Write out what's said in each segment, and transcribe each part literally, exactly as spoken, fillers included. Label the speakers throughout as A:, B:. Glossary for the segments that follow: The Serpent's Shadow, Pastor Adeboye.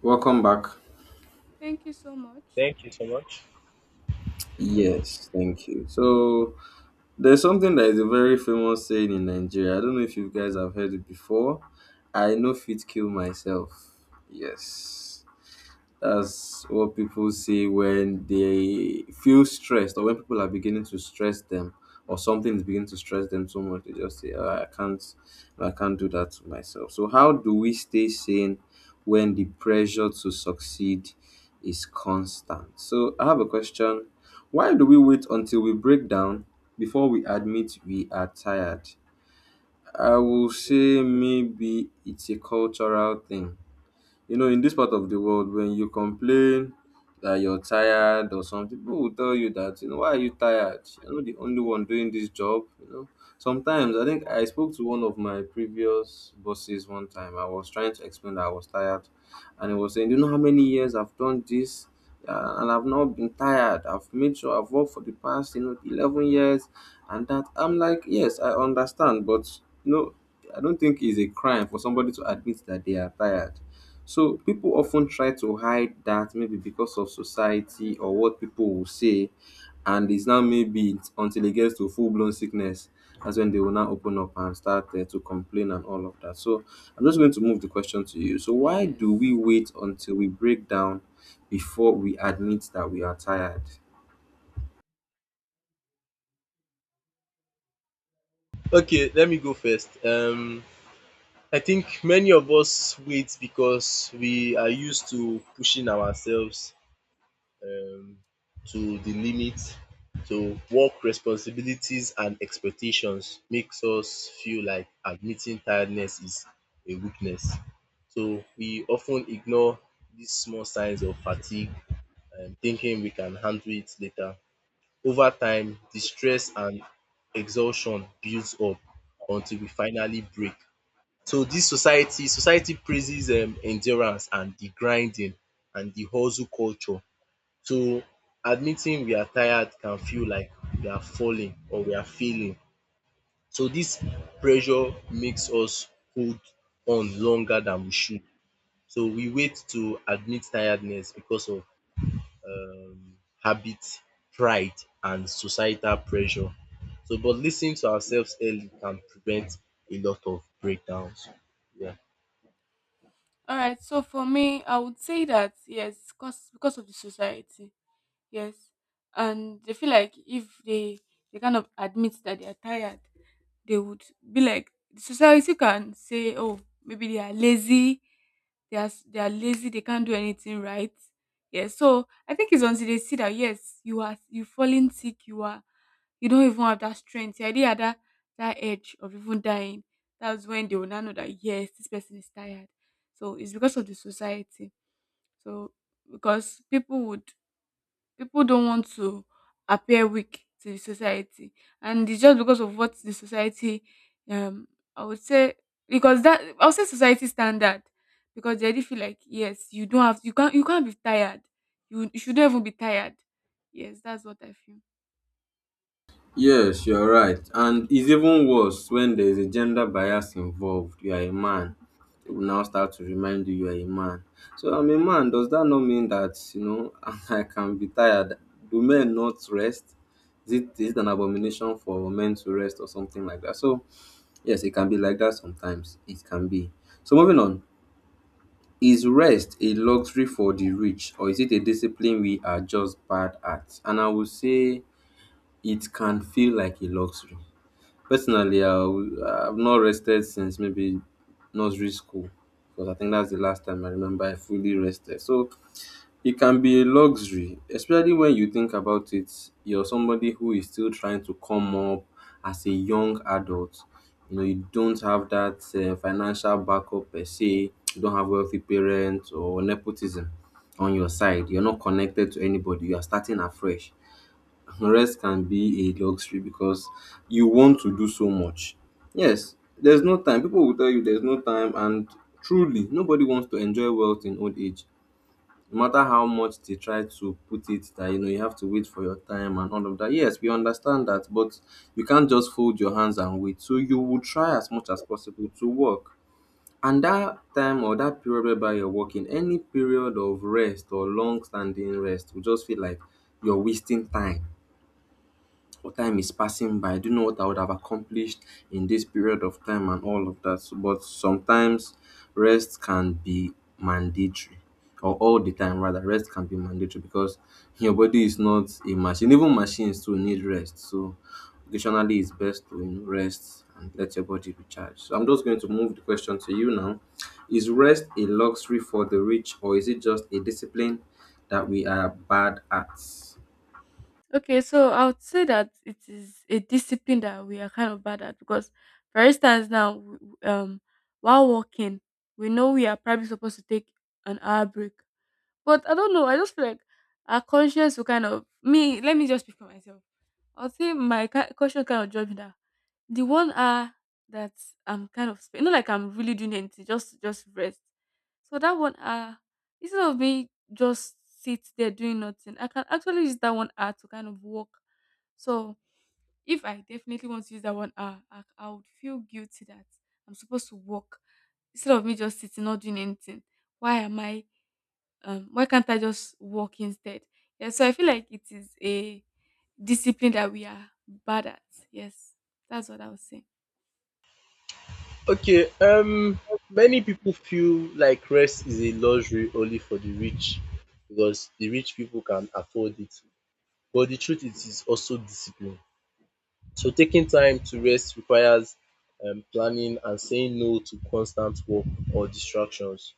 A: Welcome back.
B: Thank you so much.
C: Thank you so much.
A: Yes, thank you. So, there's something that is a very famous saying in Nigeria. I don't know if you guys have heard it before. I no fit kill myself. Yes. That's what people see when they feel stressed or when people are beginning to stress them or something is beginning to stress them so much they just say "Ah, I can't I can't do that to myself. So how do we stay sane when the pressure to succeed is constant? So I have a question. Why do we wait until we break down before we admit we are tired? I will say maybe it's a cultural thing, you know, in this part of the world, when you complain that you're tired or something, people will tell you that, you know, why are you tired? You're not the only one doing this job, you know. Sometimes I think I spoke to one of my previous bosses one time. I was trying to explain that I was tired, and he was saying, do you know how many years I've done this? Uh, and I've not been tired. I've made sure I've worked for the past, you know, eleven years. And that I'm like, yes, I understand, but, you know, I don't think it's a crime for somebody to admit that they are tired. So people often try to hide that maybe because of society or what people will say, and it's now maybe it's until it gets to full blown sickness. That's when they will now open up and start uh, to complain and all of that. So I'm just going to move the question to you. So why do we
B: Yes.
A: wait until we break down before we admit that we are tired?
C: Okay, let me go first. Um, I think many of us wait because we are used to pushing ourselves um, to the limit. So, work responsibilities and expectations makes us feel like admitting tiredness is a weakness. So, we often ignore these small signs of fatigue and thinking we can handle it later. Over time, the stress and exhaustion builds up until we finally break. So this society society praises um endurance and the grinding and the hustle culture. So admitting we are tired can feel like we are falling or we are failing. So this pressure makes us hold on longer than we should. So we wait to admit tiredness because of habit, pride and societal pressure. So but listening to ourselves early can prevent a lot of breakdowns. Yeah.
B: All right. So for me, I would say that, yes, cause because of the society, yes, and they feel like if they they kind of admit that they are tired, they would be like society can say, oh, maybe they are lazy, they are s- they are lazy, they can't do anything right. Yeah, so I think it's until they see that, yes, you are you falling sick, you are you don't even have that strength, you already had that that edge of even dying. That's when they will now know that, yes, this person is tired. So it's because of the society. So because people would people don't want to appear weak to the society, and it's just because of what the society. um I would say, because that I would say society standard, because they already feel like, yes, you don't have you can't, you can't be tired. You, you shouldn't even be tired. Yes, that's what I feel.
A: Yes, you're right. And it's even worse when there is a gender bias involved. You are a man. They will now start to remind you you are a man. So I'm a man. Does that not mean that, you know, I can be tired? Do men not rest? Is it, is it an abomination for men to rest or something like that? So, yes, it can be like that sometimes. It can be. So, moving on. Is rest a luxury for the rich or is it a discipline we are just bad at? And I would say it can feel like a luxury. Personally, I i w- I've not rested since maybe nursery school, because I think that's the last time I remember I fully rested. So it can be a luxury, especially when you think about it. You're somebody who is still trying to come up as a young adult. You know, you don't have that uh, financial backup per se. You don't have wealthy parents or nepotism on your side. You're not connected to anybody. You are starting afresh. Rest can be a luxury because you want to do so much. Yes, there's no time. People will tell you there's no time, and truly, nobody wants to enjoy wealth in old age. No matter how much they try to put it that you know you have to wait for your time and all of that. Yes, we understand that, but you can't just fold your hands and wait. So you will try as much as possible to work. And that time or that period whereby you're working, any period of rest or long standing rest will just feel like you're wasting time or time is passing by. I don't know what I would have accomplished in this period of time and all of that. So- But sometimes rest can be mandatory, or all the time rather, rest can be mandatory because your body is not a machine. Even machines too need rest. So occasionally it's best to, you know, rest and let your body recharge. So I'm just going to move the question to you now. Is rest a luxury for the rich or is it just a discipline that we are bad at?
B: Okay, so I would say that it is a discipline that we are kind of bad at. Because for instance now, w- w- um while working, we know we are probably supposed to take an hour break. But I don't know, I just feel like our conscience will kind of me. Let me just speak for myself. I'll say my ki- conscience kind of judge me that the one hour that I'm kind of spent, not like I'm really doing anything, just just rest. So that one hour, instead of me just sit there doing nothing, I can actually use that one hour to kind of work. So if I definitely want to use that one hour, I, I would feel guilty that I'm supposed to work instead of me just sitting not doing anything. Why am I, um, why can't I just walk instead? Yeah, so I feel like it is a discipline that we are bad at. Yes, that's what I was saying.
C: Okay, um many people feel like rest is a luxury only for the rich because the rich people can afford it but the truth is is also discipline. So taking time to rest requires um planning and saying no to constant work or distractions.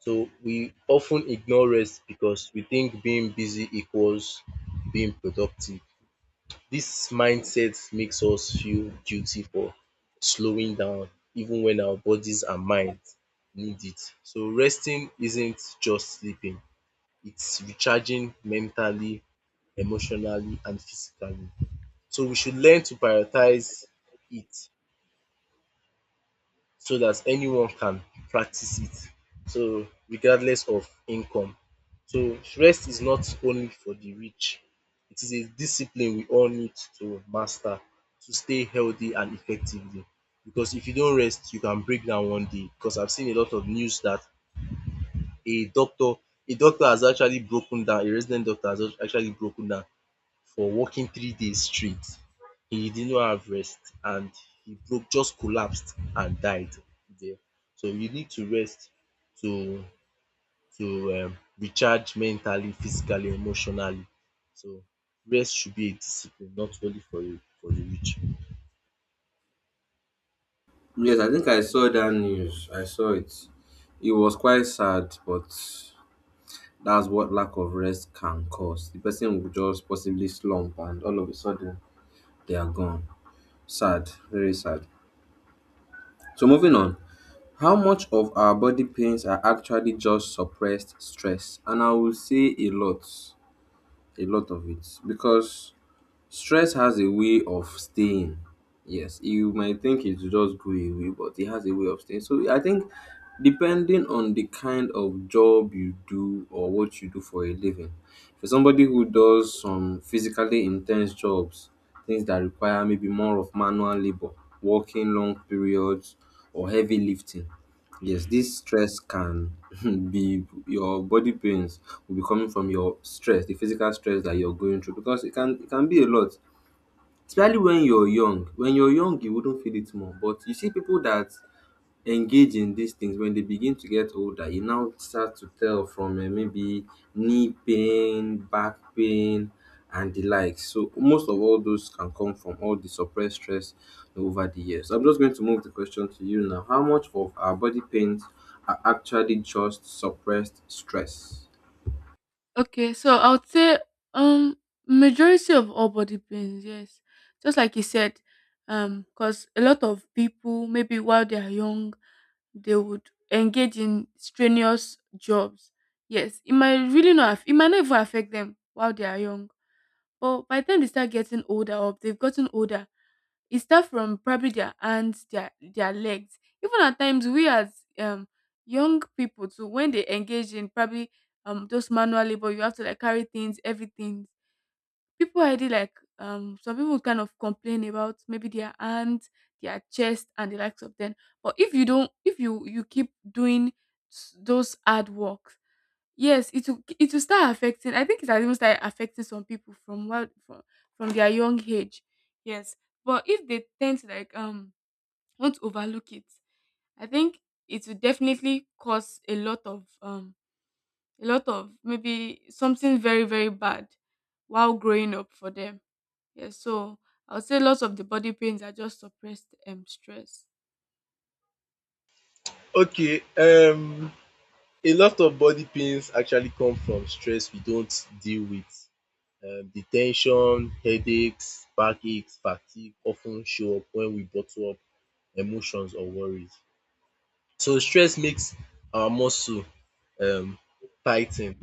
C: So we often ignore rest because we think being busy equals being productive. This mindset makes us feel guilty for slowing down even when our bodies and minds need it. So resting isn't just sleeping, it's recharging mentally, emotionally and physically. So we should learn to prioritize it so that anyone can practice it. So regardless of income. So rest is not only for the rich. It is a discipline we all need to master to stay healthy and effectively because if you don't rest you can break down one day because I've seen a lot of news that a doctor a doctor has actually broken down, a resident doctor has actually broken down for working three days straight. He did not have rest and he broke, just collapsed and died there. So you need to rest to to um recharge mentally, physically, emotionally. So rest should be a discipline not only for the for the rich.
A: Yes, I think I saw that news. I saw it. It was quite sad, but that's what lack of rest can cause. The person will just possibly slump and all of a sudden they are gone. Sad, very sad. So, moving on, how much of our body pains are actually just suppressed stress? And I will say a lot, a lot of it, because stress has a way of staying. Yes, you might think it will just go away, but it has a way of staying. So I think depending on the kind of job you do or what you do for a living, for somebody who does some physically intense jobs, things that require maybe more of manual labor, working long periods, or heavy lifting, yes, this stress can be, your body pains will be coming from your stress, the physical stress that you're going through, because it can it can be a lot. Especially when you're young. When you're young, you wouldn't feel it more. But you see people that engage in these things when they begin to get older, you now start to tell from uh, maybe knee pain, back pain, and the likes. So most of all those can come from all the suppressed stress over the years. So I'm just going to move the question to you now. How much of our body pains are actually just suppressed stress?
B: Okay, so I would say, um majority of all body pains, yes. Just like you said, um, because a lot of people, maybe while they are young, they would engage in strenuous jobs. Yes, it might really not aff- it might not even affect them while they are young. But by the time they start getting older or they've gotten older, it starts from probably their hands, their their legs. Even at times, we as um young people too, when they engage in probably um just manual labor, you have to like carry things, everything. People already like um some people kind of complain about maybe their hands, their chest, and the likes of them. But if you don't, if you you keep doing s- those hard work, yes it will, it will start affecting. I think it has even started affecting some people from what from, from their young age. Yes, but if they tend to like, um want to overlook it, I think it will definitely cause a lot of, um a lot of maybe something very very bad while growing up for them. Yes, so I would say lots of the body pains are just suppressed um stress.
C: Okay, um a lot of body pains actually come from stress we don't deal with. um The tension, headaches, backaches, fatigue often show up when we bottle up emotions or worries. So stress makes our muscle um tigh the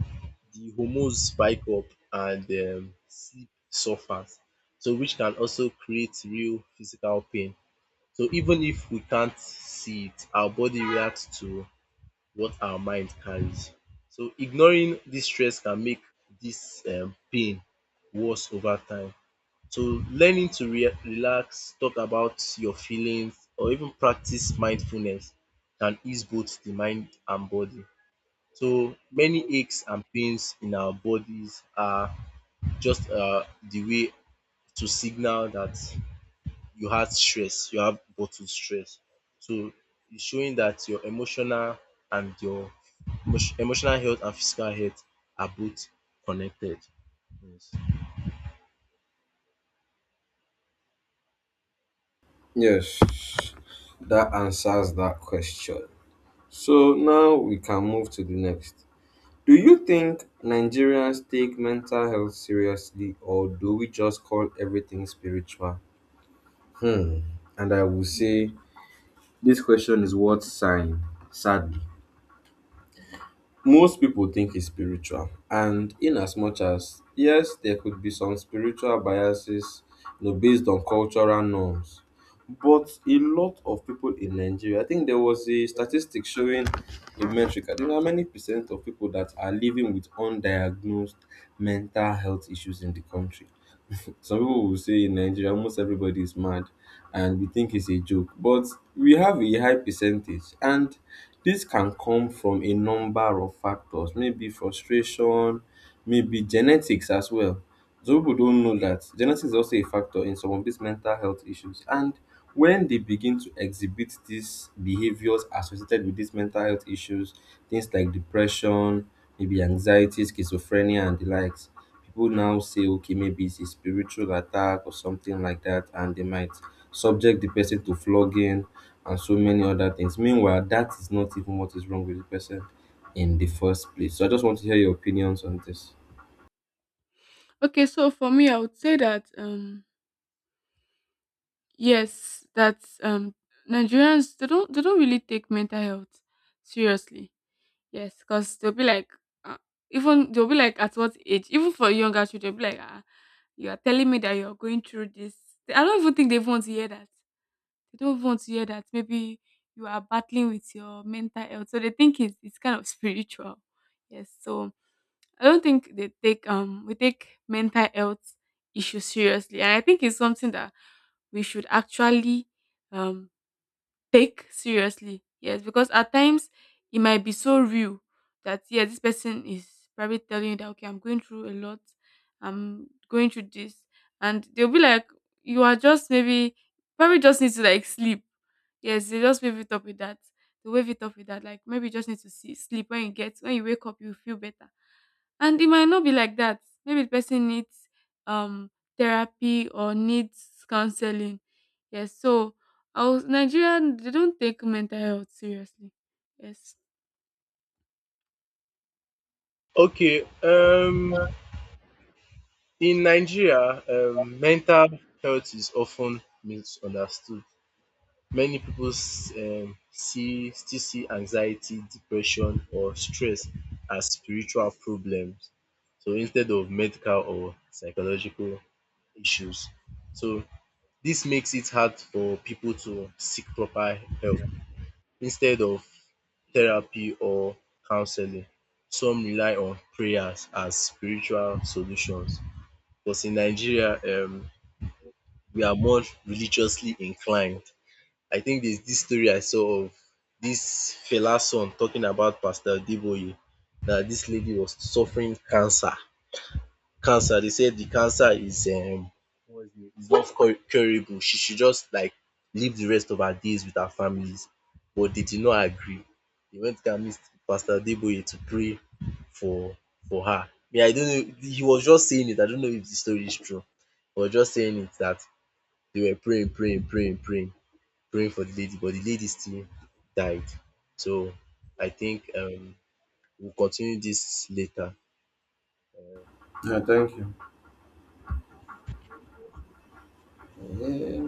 C: hormones spike up and um sleep suffers. So which can also create real physical pain. So even if we can't see it, our body reacts to what our mind carries. So ignoring this stress can make this um pain worse over time. So learning to re relax, talk about your feelings or even practice mindfulness can ease both the mind and body. So many aches and pains in our bodies are just um the way to signal that you had stress, you have bottled stress. So it's showing that your emotional and your emotio- emotional health and physical health are both connected. Yes.
A: Yes, that answers that question. So now we can move to the next. Do you think Nigerians take mental health seriously or do we just call everything spiritual? Hmm. And I will say this question is worth sighing, sadly. Most people think it's spiritual, and in as much as yes, there could be some spiritual biases, you know, based on cultural norms. But a lot of people in Nigeria, I think there was a statistic showing a metric. I don't know how many percent of people that are living with undiagnosed mental health issues in the country. Some people will say in Nigeria, almost everybody is mad, and we think it's a joke. But we have a high percentage, and this can come from a number of factors, maybe frustration, maybe genetics as well. Some people don't know that genetics is also a factor in some of these mental health issues. And when they begin to exhibit these behaviors associated with these mental health issues, things like depression, maybe anxiety, schizophrenia, and the likes, people now say, okay, maybe it's a spiritual attack or something like that, and they might subject the person to flogging and so many other things. Meanwhile, that is not even what is wrong with the person in the first place. So I just want to hear your opinions on this.
B: Okay, so for me I would say that, um yes, that's, um Nigerians, they don't they don't really take mental health seriously. Yes, because they'll be like, uh, even they'll be like, at what age? Even for younger children, be like, ah, you are telling me that you're going through this. I don't even think they even want to hear that. They don't even want to hear that. Maybe you are battling with your mental health, so they think it's it's kind of spiritual. Yes, so I don't think they take um we take mental health issues seriously, and I think it's something that we should actually, um take seriously. Yes, because at times it might be so real that, yeah, this person is probably telling you that, okay, I'm going through a lot, I'm going through this, and they'll be like, you are just maybe probably just need to like sleep. Yes, they just wave it up with that. They wave it up with that. Like maybe you just need to see, sleep. When you get when you wake up, you feel better. And it might not be like that. Maybe the person needs um therapy or needs counseling. Yes, so I was Nigerian, they don't take mental health seriously. Yes.
C: Okay, um, in Nigeria, um, mental health is often misunderstood. Many people s- um, see still see anxiety, depression, or stress as spiritual problems. So instead of medical or psychological issues. So this makes it hard for people to seek proper help. Instead of therapy or counseling, some rely on prayers as spiritual solutions. Because in Nigeria, um, we are more religiously inclined. I think there's this story I saw of this fella son talking about Pastor Deboye that this lady was suffering cancer. Cancer, they said the cancer is um, love Cur- curable. She should just like live the rest of her days with her families. But they did not agree. They went to meet Pastor Adeboye to pray for for her. Yeah, I don't know. He was just saying it. I don't know if the story is true. He was just saying it that they were praying, praying, praying, praying, praying for the lady, but the lady still died. So I think um we'll continue this later.
A: Yeah, thank you. Yeah.